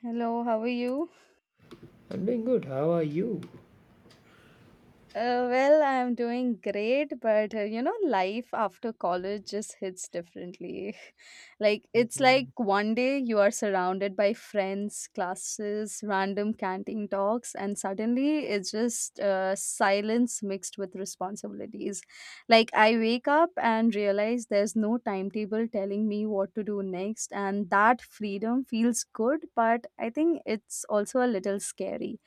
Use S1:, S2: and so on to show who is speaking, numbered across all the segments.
S1: Hello, how are you?
S2: I'm doing good. How are you?
S1: Well, I'm doing great, but life after college just hits differently. Like, it's like
S2: Mhm.
S1: one day you are surrounded by friends, classes, random canteen talks, and suddenly it's just silence mixed with responsibilities. Like, I wake up and realize there's no timetable telling me what to do next, and that freedom feels good, but I think it's also a little scary.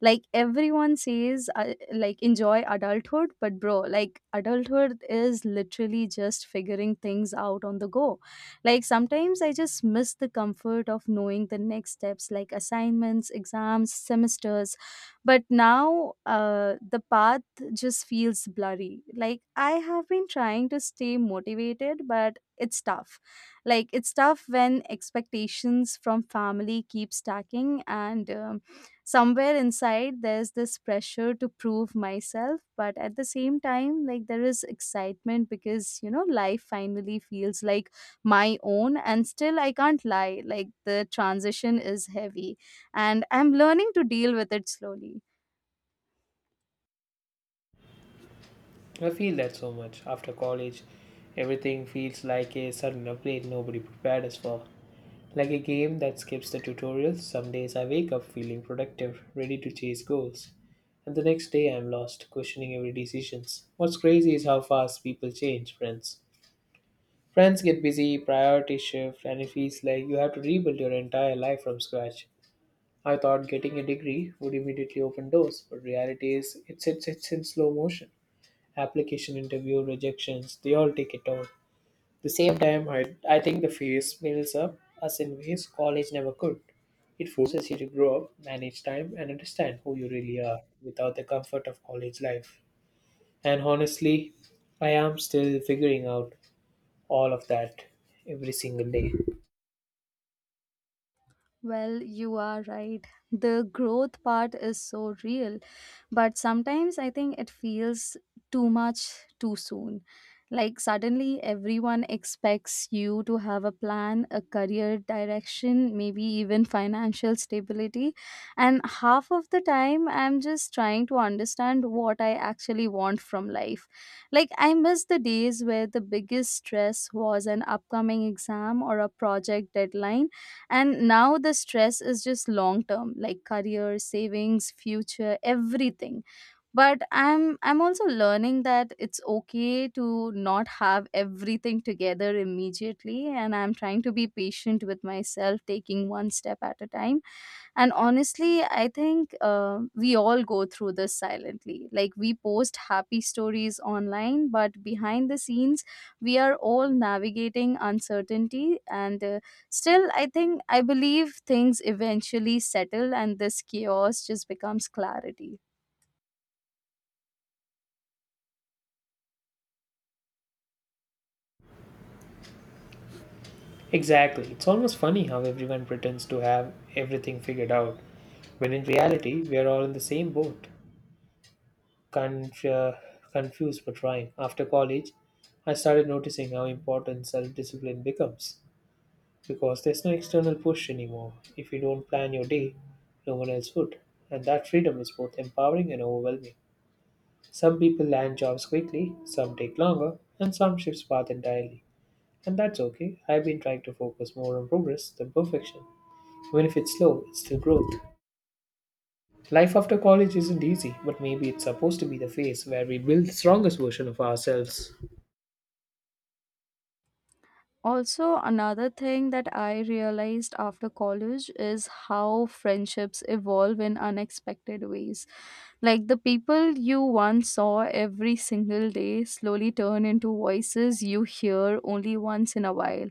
S1: Like, everyone says, like, enjoy adulthood, but bro, like, adulthood is literally just figuring things out on the go. Like, sometimes I just miss the comfort of knowing the next steps, like assignments, exams, semesters. But now the path just feels blurry. Like, I have been trying to stay motivated, but it's tough. Like, it's tough when expectations from family keep stacking, and somewhere inside there's this pressure to prove myself, but at the same time, like, there is excitement because life finally feels like my own. And still, I can't lie, like, the transition is heavy and I'm learning to deal with it slowly.
S2: I feel that so much. After college, everything feels like a sudden upgrade nobody prepared us for. Like a game that skips the tutorials, some days I wake up feeling productive, ready to chase goals. And the next day I'm lost, questioning every decision. What's crazy is how fast people change, friends. Friends get busy, priorities shift, and it feels like you have to rebuild your entire life from scratch. I thought getting a degree would immediately open doors, but reality is it's in slow motion. Application interview, rejections, they all take it all. The same time, I think the fear builds up us in ways college never could. It forces you to grow up, manage time, and understand who you really are without the comfort of college life. And honestly, I am still figuring out all of that every single day.
S1: Well, you are right, the growth part is so real, but sometimes I think it feels too much too soon. Like, suddenly everyone expects you to have a plan, a career direction, maybe even financial stability, and half of the time I'm just trying to understand what I actually want from life. Like, I miss the days where the biggest stress was an upcoming exam or a project deadline, and now the stress is just long term, like career, savings, future, everything. But I'm also learning that it's okay to not have everything together immediately, and I'm trying to be patient with myself, taking one step at a time. And honestly, I think we all go through this silently. Like, we post happy stories online, but behind the scenes, we are all navigating uncertainty. And still, I think I believe things eventually settle, and this chaos just becomes clarity.
S2: Exactly. It's almost funny how everyone pretends to have everything figured out, when in reality, we are all in the same boat, conf- uh, confused but trying. After college, I started noticing how important self discipline becomes, because there's no external push anymore. If you don't plan your day, no one else would. And that freedom is both empowering and overwhelming. Some people land jobs quickly, some take longer, and some shift path entirely. And that's okay. I've been trying to focus more on progress than perfection. Even if it's slow, it's still growth. Life after college isn't easy, but maybe it's supposed to be the phase where we build the strongest version of ourselves.
S1: Also, another thing that I realized after college is how friendships evolve in unexpected ways. Like, the people you once saw every single day slowly turn into voices you hear only once in a while.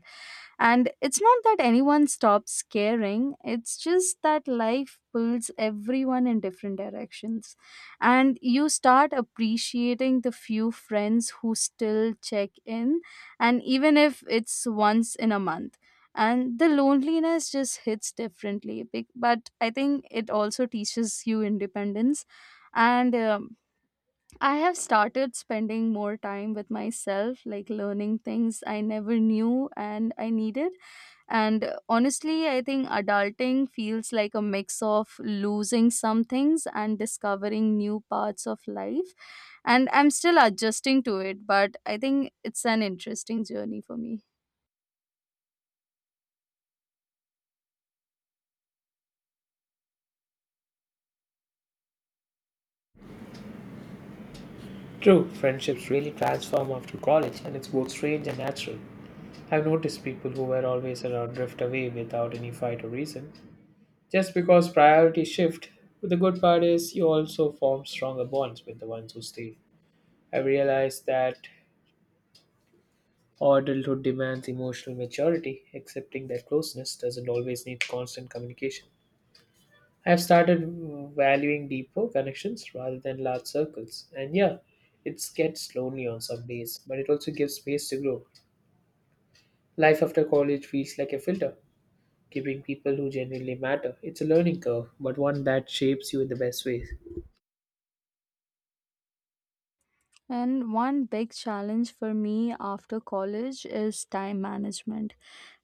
S1: And it's not that anyone stops caring, it's just that life pulls everyone in different directions. And you start appreciating the few friends who still check in, and even if it's once in a month. And the loneliness just hits differently. But I think it also teaches you independence. And I have started spending more time with myself, like learning things I never knew and I needed. And honestly, I think adulting feels like a mix of losing some things and discovering new parts of life. And I'm still adjusting to it, but I think it's an interesting journey for me.
S2: True, friendships really transform after college, and it's both strange and natural. I've noticed people who were always around drift away without any fight or reason, just because priorities shift. But the good part is, you also form stronger bonds with the ones who stay. I realized that adulthood demands emotional maturity, accepting that closeness doesn't always need constant communication. I have started valuing deeper connections rather than large circles. And yeah, it gets lonely on some days, but it also gives space to grow. Life after college feels like a filter, keeping people who genuinely matter. It's a learning curve, but one that shapes you in the best ways.
S1: And one big challenge for me after college is time management.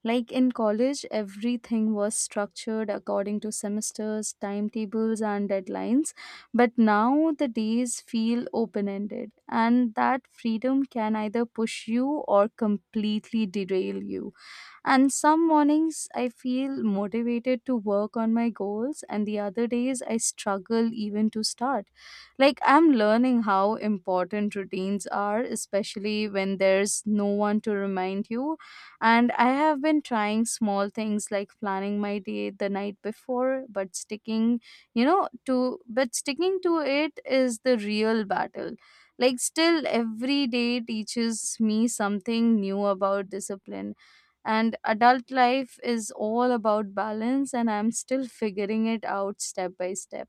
S1: Like, in college, everything was structured according to semesters, timetables, and deadlines. But now the days feel open ended, and that freedom can either push you or completely derail you. And some mornings I feel motivated to work on my goals, and the other days I struggle even to start. Like, I'm learning how important routines are, especially when there's no one to remind you. And I have been trying small things like planning my day the night before, but sticking, you know, to but sticking to it is the real battle. Like, still, every day teaches me something new about discipline, and adult life is all about balance, and I'm still figuring it out step by step.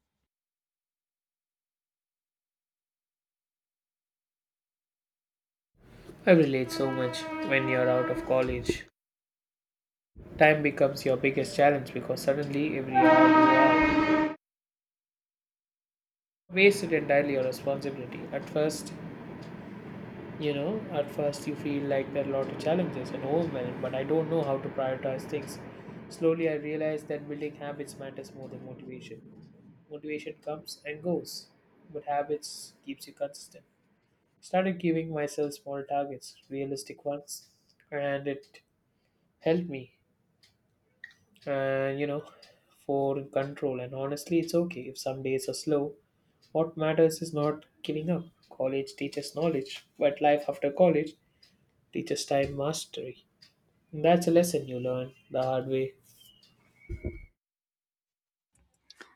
S2: I relate so much when you're out of college. Time becomes your biggest challenge because suddenly every hour you are wasted entirely on responsibility. At first, you know at first you feel like there are a lot of challenges and overwhelmed, but I don't know how to prioritize things. Slowly I realized that building habits matters more than motivation. Motivation comes and goes, but habits keeps you consistent. Started giving myself small targets, realistic ones, and it helped me, and you know, for control. And honestly, it's okay if some days are slow. What matters is not giving up. College teaches knowledge, but life after college teaches time mastery. That's a lesson you learn the hard way.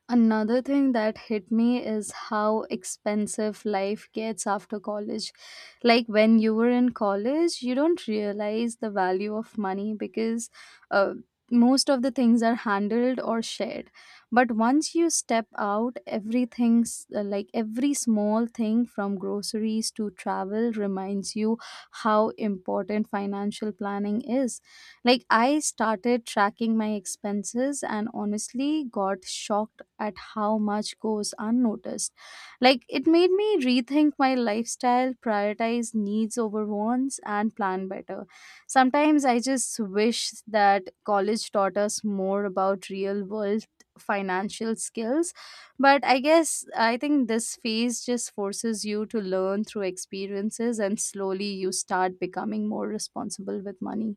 S1: Another thing that hit me is how expensive life gets after college. Like, when you were in college, you don't realize the value of money because uh, most of the things are handled or shared. But once you step out, everything's like every small thing from groceries to travel reminds you how important financial planning is. Like, I started tracking my expenses and honestly got shocked at how much goes unnoticed. Like, it made me rethink my lifestyle, prioritize needs over wants, and plan better. Sometimes I just wish that college taught us more about real world financial skills, but I guess I think this phase just forces you to learn through experiences and slowly you start becoming more responsible with money.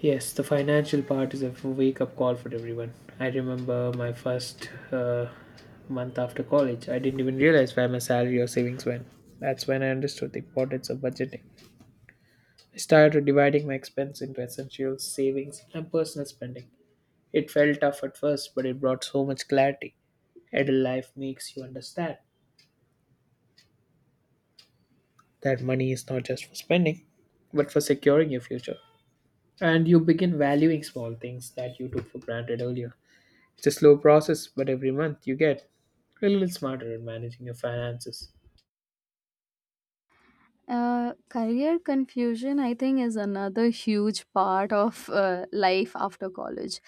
S2: Yes, the financial part is a wake up call for everyone. I remember my first month after college, I didn't even realize where my salary or savings went. That's when I understood the importance of budgeting. I started dividing my expense into essentials, savings, and personal spending. It felt tough at first, but it brought so much clarity. Adult life makes you understand that money is not just for spending, but for securing your future. And you begin valuing small things that you took for granted earlier. It's a slow process, but every month you get a little smarter at managing your finances.
S1: Career confusion, I think, is another huge part of life after college.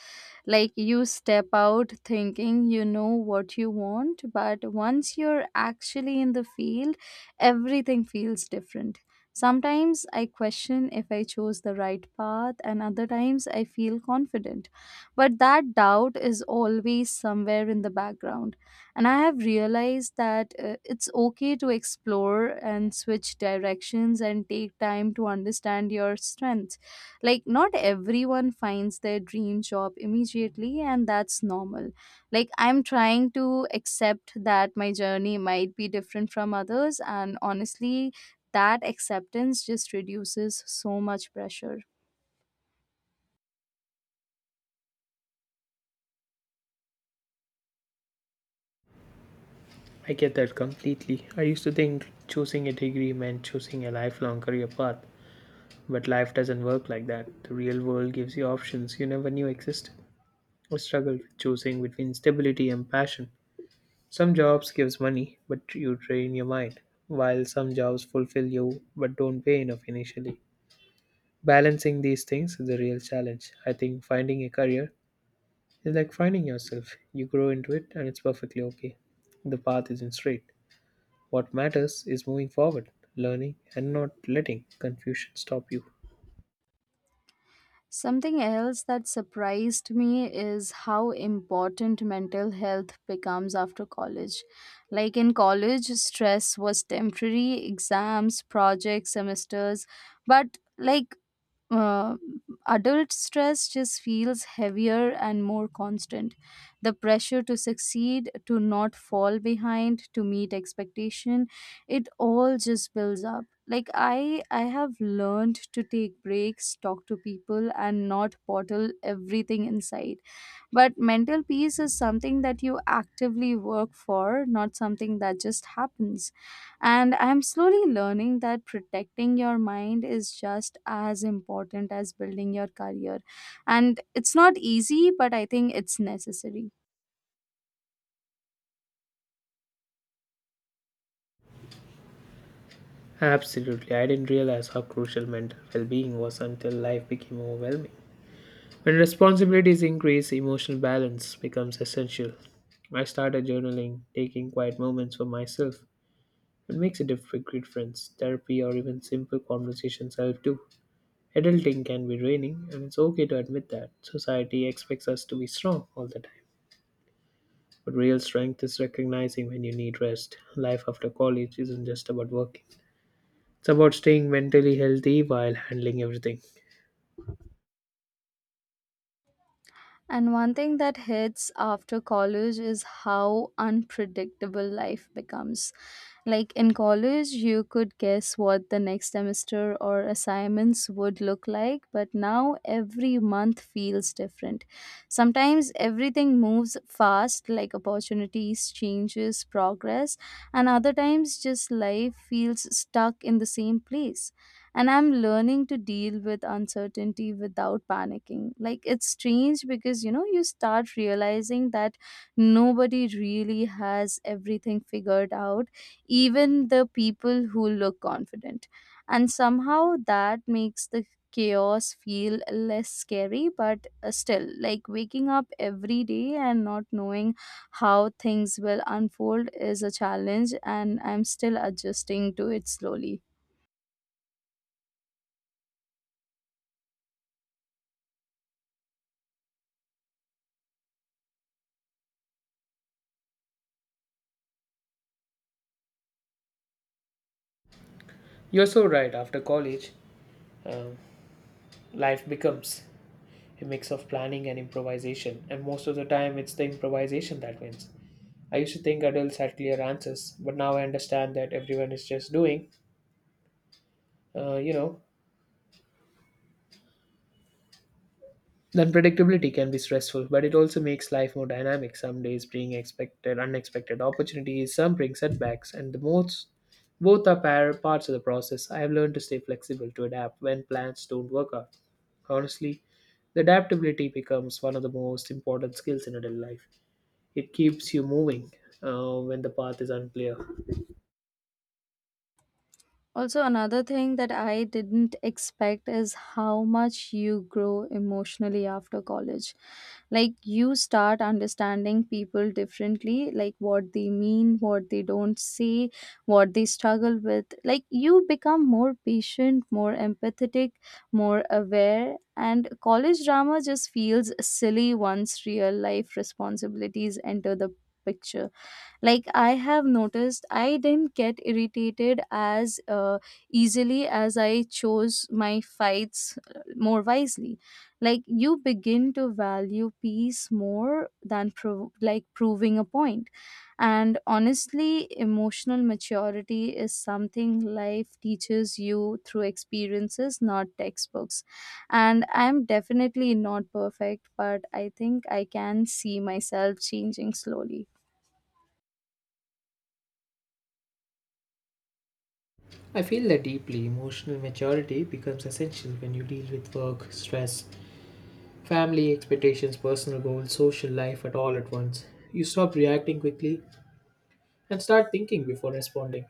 S1: Like, you step out thinking you know what you want, but once you're actually in the field, everything feels different. Sometimes I question if I chose the right path, and other times I feel confident. But that doubt is always somewhere in the background. And I have realized that it's okay to explore and switch directions and take time to understand your strengths. Like, not everyone finds their dream job immediately, and that's normal. Like, I'm trying to accept that my journey might be different from others, and honestly, that acceptance just reduces so much pressure.
S2: I get that completely. I used to think choosing a degree meant choosing a lifelong career path, but life doesn't work like that. The real world gives you options you never knew existed. I struggle with choosing between stability and passion. Some jobs gives money, but you drain your mind, while some jobs fulfill you but don't pay enough initially. Balancing these things is a real challenge. I think finding a career is like finding yourself. You grow into it and it's perfectly okay. The path isn't straight. What matters is moving forward, learning, and not letting confusion stop you.
S1: Something else that surprised me is how important mental health becomes after college. Like, in college, stress was temporary, exams, projects, semesters, but like uh, adult stress just feels heavier and more constant. The pressure to succeed, to not fall behind, to meet expectation, it all just builds up. Like, I have learned to take breaks, talk to people, and not bottle everything inside. But mental peace is something that you actively work for, not something that just happens, and I'm slowly learning that protecting your mind is just as important as building your career. And it's not easy, but I think it's necessary.
S2: Absolutely, I didn't realize how crucial mental well being was until life became overwhelming. When responsibilities increase, emotional balance becomes essential. I started journaling, taking quiet moments for myself. It makes a great friends. Therapy or even simple conversations help too. Adulting can be draining, and it's okay to admit that. Society expects us to be strong all the time. But real strength is recognizing when you need rest. Life after college isn't just about working, it's about staying mentally healthy while handling everything.
S1: And one thing that hits after college is how unpredictable life becomes. Like, in college, you could guess what the next semester or assignments would look like, but now every month feels different. Sometimes everything moves fast, like opportunities, changes, progress, and other times just life feels stuck in the same place, and I'm learning to deal with uncertainty without panicking. Like, it's strange because you start realizing that nobody really has everything figured out, even the people who look confident. And somehow that makes the chaos feel less scary, but still, like, waking up every day and not knowing how things will unfold is a challenge, and I'm still adjusting to it slowly.
S2: You're so right. After college, um, life becomes a mix of planning and improvisation, and most of the time, it's the improvisation that wins. I used to think adults had clear answers, but now I understand that everyone is just doing, you know. Unpredictability can be stressful, but it also makes life more dynamic. Some days bring expected, unexpected opportunities, some bring setbacks, and the most both are parts of the process. I have learned to stay flexible to adapt when plans don't work out. Honestly, the adaptability becomes one of the most important skills in adult life. It keeps you moving when the path is unclear.
S1: Also, another thing that I didn't expect is how much you grow emotionally after college. Like, you start understanding people differently, like what they mean, what they don't say, what they struggle with. Like, you become more patient, more empathetic, more aware. And college drama just feels silly once real life responsibilities enter the picture. Like, I have noticed I didn't get irritated as easily, as I chose my fights more wisely. Like, you begin to value peace more than like proving a point. And honestly, emotional maturity is something life teaches you through experiences, not textbooks, and I'm definitely not perfect, but I think I can see myself changing slowly.
S2: I feel that deeply emotional maturity becomes essential when you deal with work, stress, family expectations, personal goals, social life at all at once. You stop reacting quickly and start thinking before responding.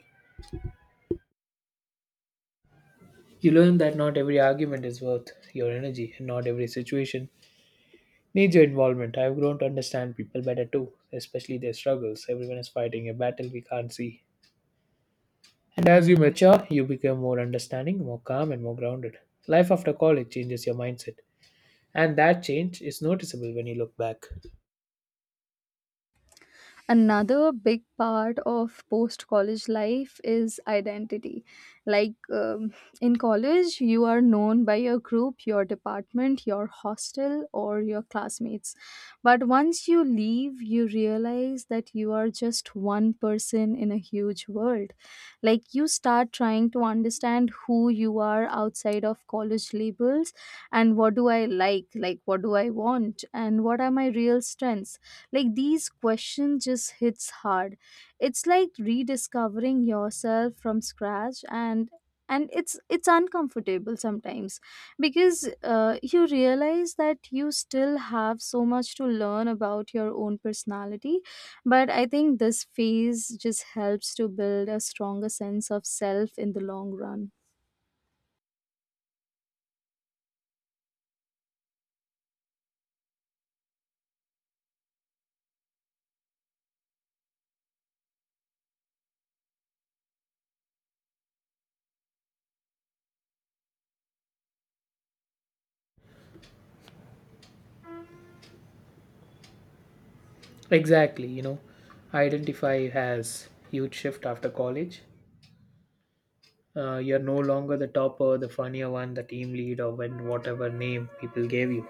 S2: You learn that not every argument is worth your energy and not every situation needs your involvement. I've grown to understand people better too, especially their struggles. Everyone is fighting a battle we can't see. And as you mature, you become more understanding, more calm, and more grounded. Life after college changes your mindset. And that change is noticeable when you look back.
S1: Another big part of post college life is identity. Like, um, in college you are known by your group, your department, your hostel, or your classmates. But once you leave, you realize that you are just one person in a huge world. Like, you start trying to understand who you are outside of college labels. And what do I like? Like, what do I want? And what are my real strengths? Like, these questions just hits hard. It's like rediscovering yourself from scratch, and it's uncomfortable sometimes, because you realize that you still have so much to learn about your own personality, but I think this phase just helps to build a stronger sense of self in the long run.
S2: Exactly, you know, identify has huge shift after college. You're no longer the topper, the funnier one, the team lead, or when whatever name people gave you.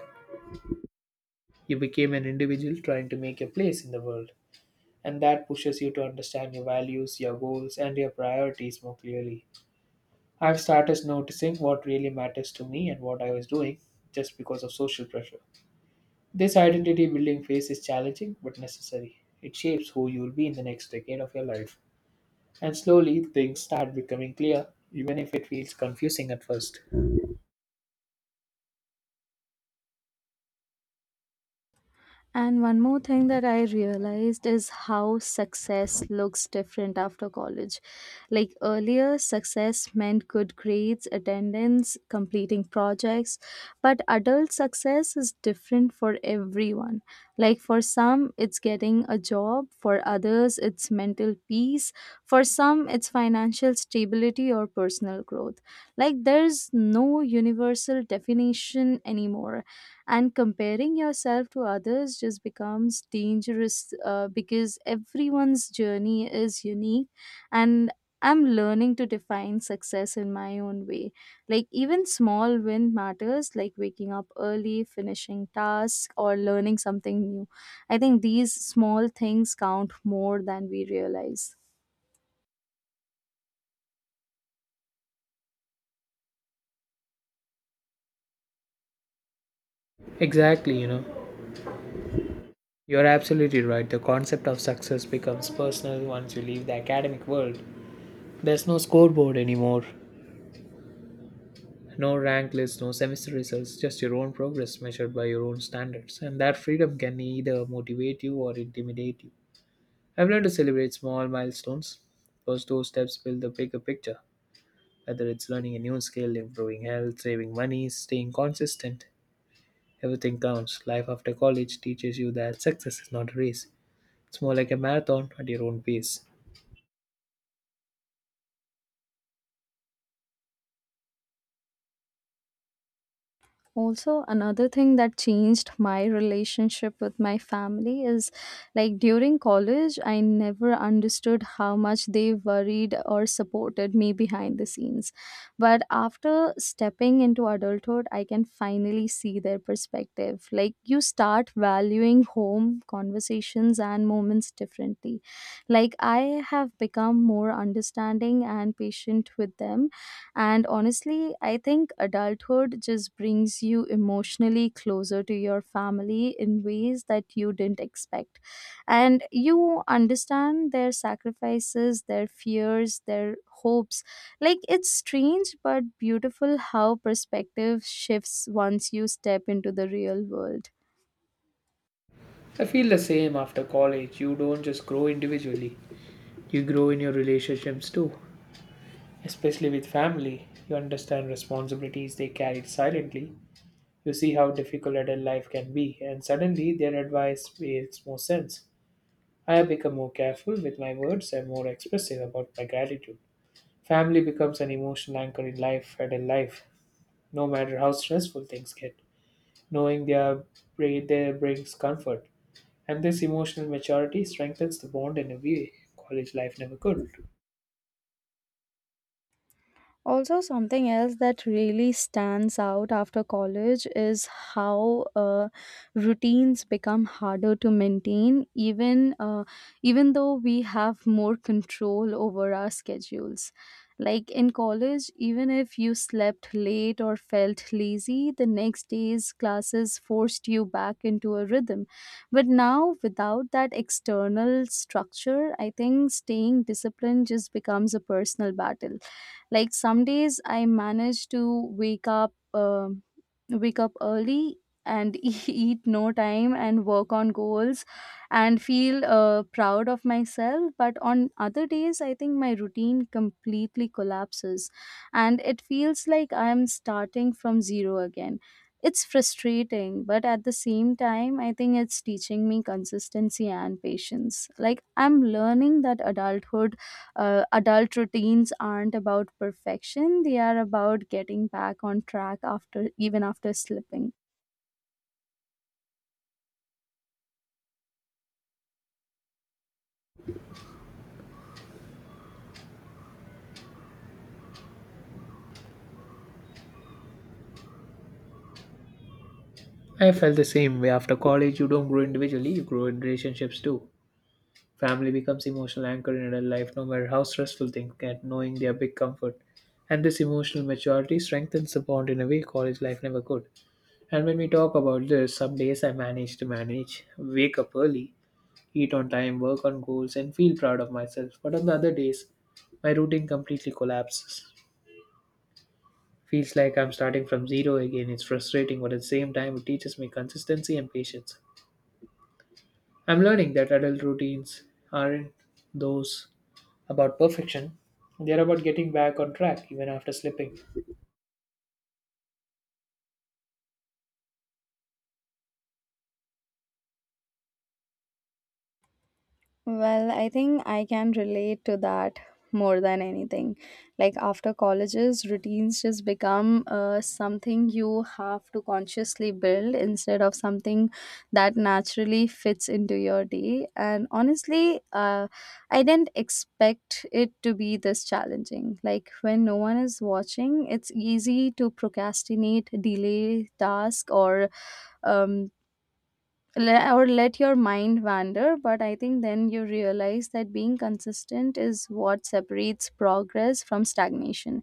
S2: You became an individual trying to make your place in the world, and that pushes you to understand your values, your goals, and your priorities more clearly. I've started noticing what really matters to me and what I was doing just because of social pressure. This identity building phase is challenging but necessary. It shapes who you'll be in the next decade of your life. And slowly things start becoming clear, even if it feels confusing at first.
S1: And one more thing that I realized is how success looks different after college. Like, earlier, success meant good grades, attendance, completing projects, but adult success is different for everyone. Like, for some, it's getting a job, for others, it's mental peace, for some, it's financial stability or personal growth. Like, there's no universal definition anymore, and comparing yourself to others just becomes dangerous, because everyone's journey is unique, and I'm learning to define success in my own way. Like, even small win matters, like waking up early, finishing tasks, or learning something new. I think these small things count more than we realize.
S2: Exactly, you know. You're absolutely right. The concept of success becomes personal once you leave the academic world. There's no scoreboard anymore, no rank list, no semester results, just your own progress measured by your own standards. And that freedom can either motivate you or intimidate you. I've learned to celebrate small milestones because those steps build the bigger picture. Whether it's learning a new skill, improving health, saving money, staying consistent, everything counts. Life after college teaches you that success is not a race, it's more like a marathon at your own pace.
S1: Also, another thing that changed my relationship with my family is, like, during college I never understood how much they worried or supported me behind the scenes, but after stepping into adulthood I can finally see their perspective. Like, you start valuing home conversations and moments differently. Like, I have become more understanding and patient with them, and honestly, I think adulthood just brings you emotionally closer to your family in ways that you didn't expect. And you understand their sacrifices, their fears, their hopes. Like, it's strange but beautiful how perspective shifts once you step into the real world.
S2: I feel the same after college. You don't just grow individually, you grow in your relationships too, especially with family. You understand responsibilities they carried silently. You see how difficult adult life can be, and suddenly their advice makes more sense. I have become more careful with my words and more expressive about my gratitude. Family becomes an emotional anchor in life and in life, no matter how stressful things get. Knowing they are there brings comfort, and this emotional maturity strengthens the bond in a way college life never could.
S1: Also, something else that really stands out after college is how routines become harder to maintain, even though we have more control over our schedules. Like in college, even if you slept late or felt lazy, the next day's classes forced you back into a rhythm. But now, without that external structure, I think staying disciplined just becomes a personal battle. Like some days I manage to wake up early and eat no time and work on goals and feel proud of myself, but on other days I think my routine completely collapses and it feels like I'm starting from zero again. It's frustrating, but at the same time I think it's teaching me consistency and patience. Like I'm learning that adult routines aren't about perfection, they are about getting back on track after, even after slipping.
S2: I felt the same way. After college, you don't grow individually, you grow in relationships too. Family becomes emotional anchor in adult life, no matter how stressful things get. Knowing they are big comfort, and this emotional maturity strengthens the bond in a way college life never could. And when we talk about this, some days I manage to manage, wake up early, eat on time, work on goals, and feel proud of myself. But on the other days, my routine completely collapses. Feels like I'm starting from zero again. It's frustrating, but at the same time, it teaches me consistency and patience. I'm learning that adult routines aren't those about perfection, they're about getting back on track even after slipping.
S1: Well, I think I can relate to that more than anything. Like after colleges, routines just become something you have to consciously build instead of something that naturally fits into your day. And honestly, I didn't expect it to be this challenging. Like when no one is watching, it's easy to procrastinate, delay task, or um, or let your mind wander. But I think then you realize that being consistent is what separates progress from stagnation.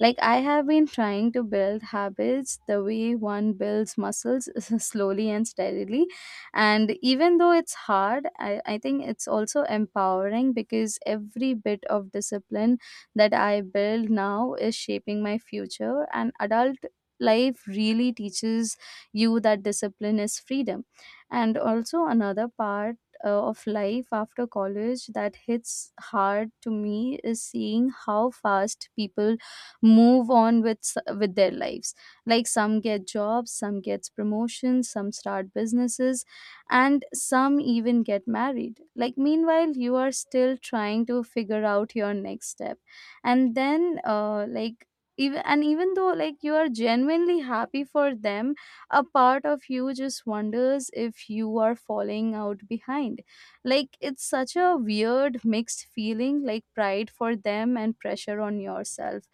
S1: Like I have been trying to build habits the way one builds muscles, slowly and steadily, and even though it's hard, I think it's also empowering because every bit of discipline that I build now is shaping my future. And adult life really teaches you that discipline is freedom. And also another part of life after college that hits hard to me is seeing how fast people move on with s- with their lives. Like some get jobs, some gets promotions, some start businesses, and some even get married. Like meanwhile you are still trying to figure out your next step, and then even though like you are genuinely happy for them, a part of you just wonders if you are falling out behind. Like it's such a weird mixed feeling, like pride for them and pressure on yourself.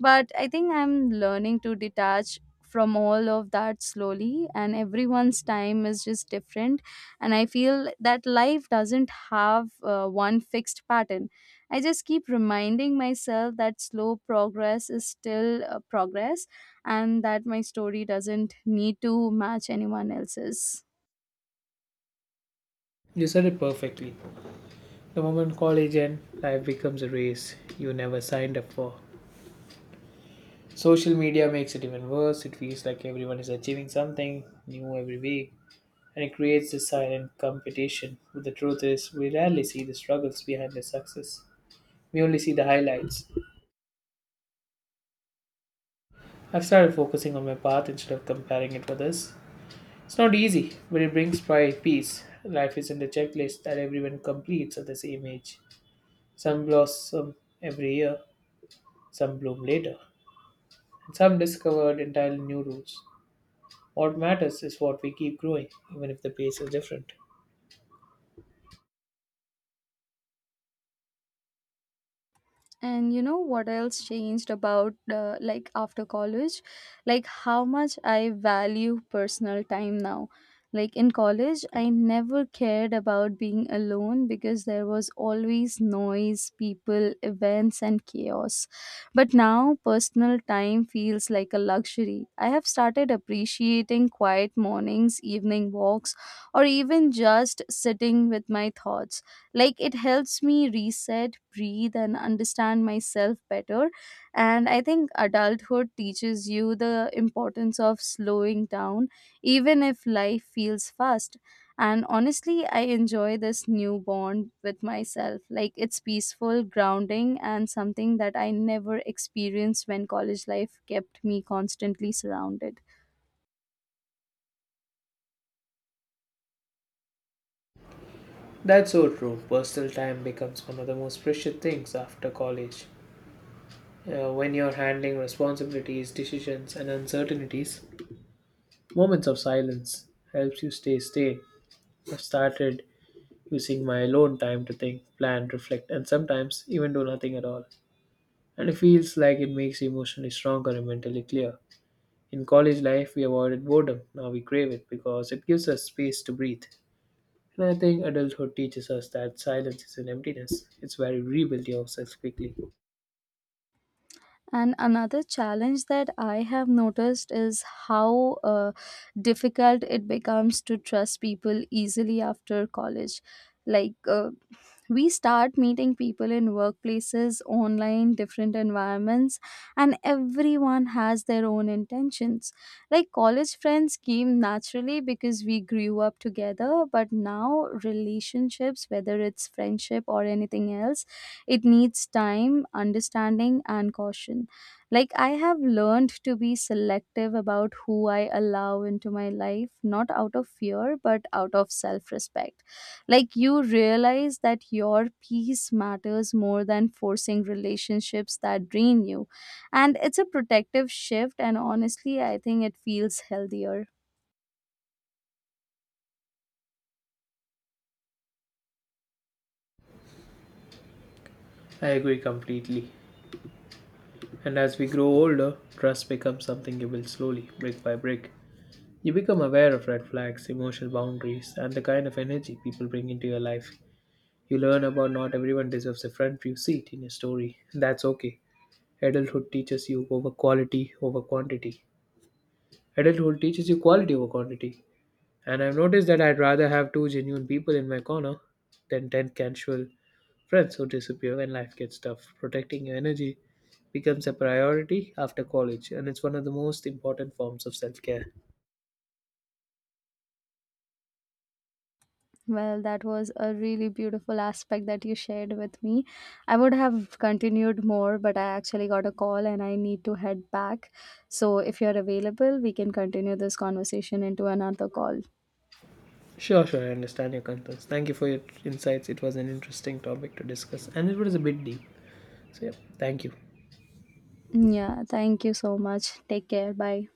S1: But I think I'm learning to detach from all of that slowly, and everyone's time is just different and I feel that life doesn't have one fixed pattern. I just keep reminding myself that slow progress is still progress, and that my story doesn't need to match anyone else's.
S2: You said it perfectly. The moment college ends, life becomes a race you never signed up for. Social media makes it even worse. It feels like everyone is achieving something new every week, and it creates this silent competition. But the truth is, we rarely see the struggles behind the success. We only see the highlights. I've started focusing on my path instead of comparing it with others. It's not easy, but it brings pride, peace. Life isn't a checklist that everyone completes at the same age. Some blossom every year, some bloom later, and some discovered entirely new routes. What matters is what we keep growing, even if the pace is different.
S1: And you know what else changed about like after college? Like how much I value personal time now. Like in college I never cared about being alone because there was always noise, people, events, and chaos, but now personal time feels like a luxury. I have started appreciating quiet mornings, evening walks, or even just sitting with my thoughts. Like it helps me reset, breathe, and understand myself better. And I think adulthood teaches you the importance of slowing down, even if life feels fast. And honestly, I enjoy this new bond with myself. Like it's peaceful, grounding, and something that I never experienced when college life kept me constantly surrounded.
S2: That's so true. Personal time becomes one of the most precious things after college. When you're handling responsibilities, decisions, and uncertainties, moments of silence helps you stay sane. I've started using my alone time to think, plan, reflect, and sometimes even do nothing at all. And it feels like it makes you emotionally stronger and mentally clear. In college life, we avoided boredom. Now we crave it because it gives us space to breathe. And I think adulthood teaches us that silence is an emptiness. It's where we rebuild ourselves quickly.
S1: And another challenge that I have noticed is how difficult it becomes to trust people easily after college. Like, we start meeting people in workplaces, online, different environments, and everyone has their own intentions. Like, college friends came naturally because we grew up together, but now relationships, whether it's friendship or anything else, it needs time, understanding, and caution. Like, I have learned to be selective about who I allow into my life, not out of fear, but out of self respect. Like, you realize that your peace matters more than forcing relationships that drain you. And it's a protective shift, and honestly, I think it feels healthier.
S2: I agree completely. And as we grow older, trust becomes something you build slowly, brick by brick. You become aware of red flags, emotional boundaries, and the kind of energy people bring into your life. You learn about not everyone deserves a front view seat in your story, and that's okay. Adulthood teaches you over quality over quantity. Adulthood teaches you quality over quantity. And I've noticed that I'd rather have two genuine people in my corner than 10 casual friends who disappear when life gets tough. Protecting your energy becomes a priority after college, and it's one of the most important forms of self care.
S1: Well, that was a really beautiful aspect that you shared with me. I would have continued more, but I actually got a call and I need to head back. So, if you're available, we can continue this conversation into another call.
S2: Sure, sure, I understand your concerns. Thank you for your insights. It was an interesting topic to discuss, and it was a bit deep. So, yeah, thank you.
S1: Yeah, thank you so much. Take care. Bye.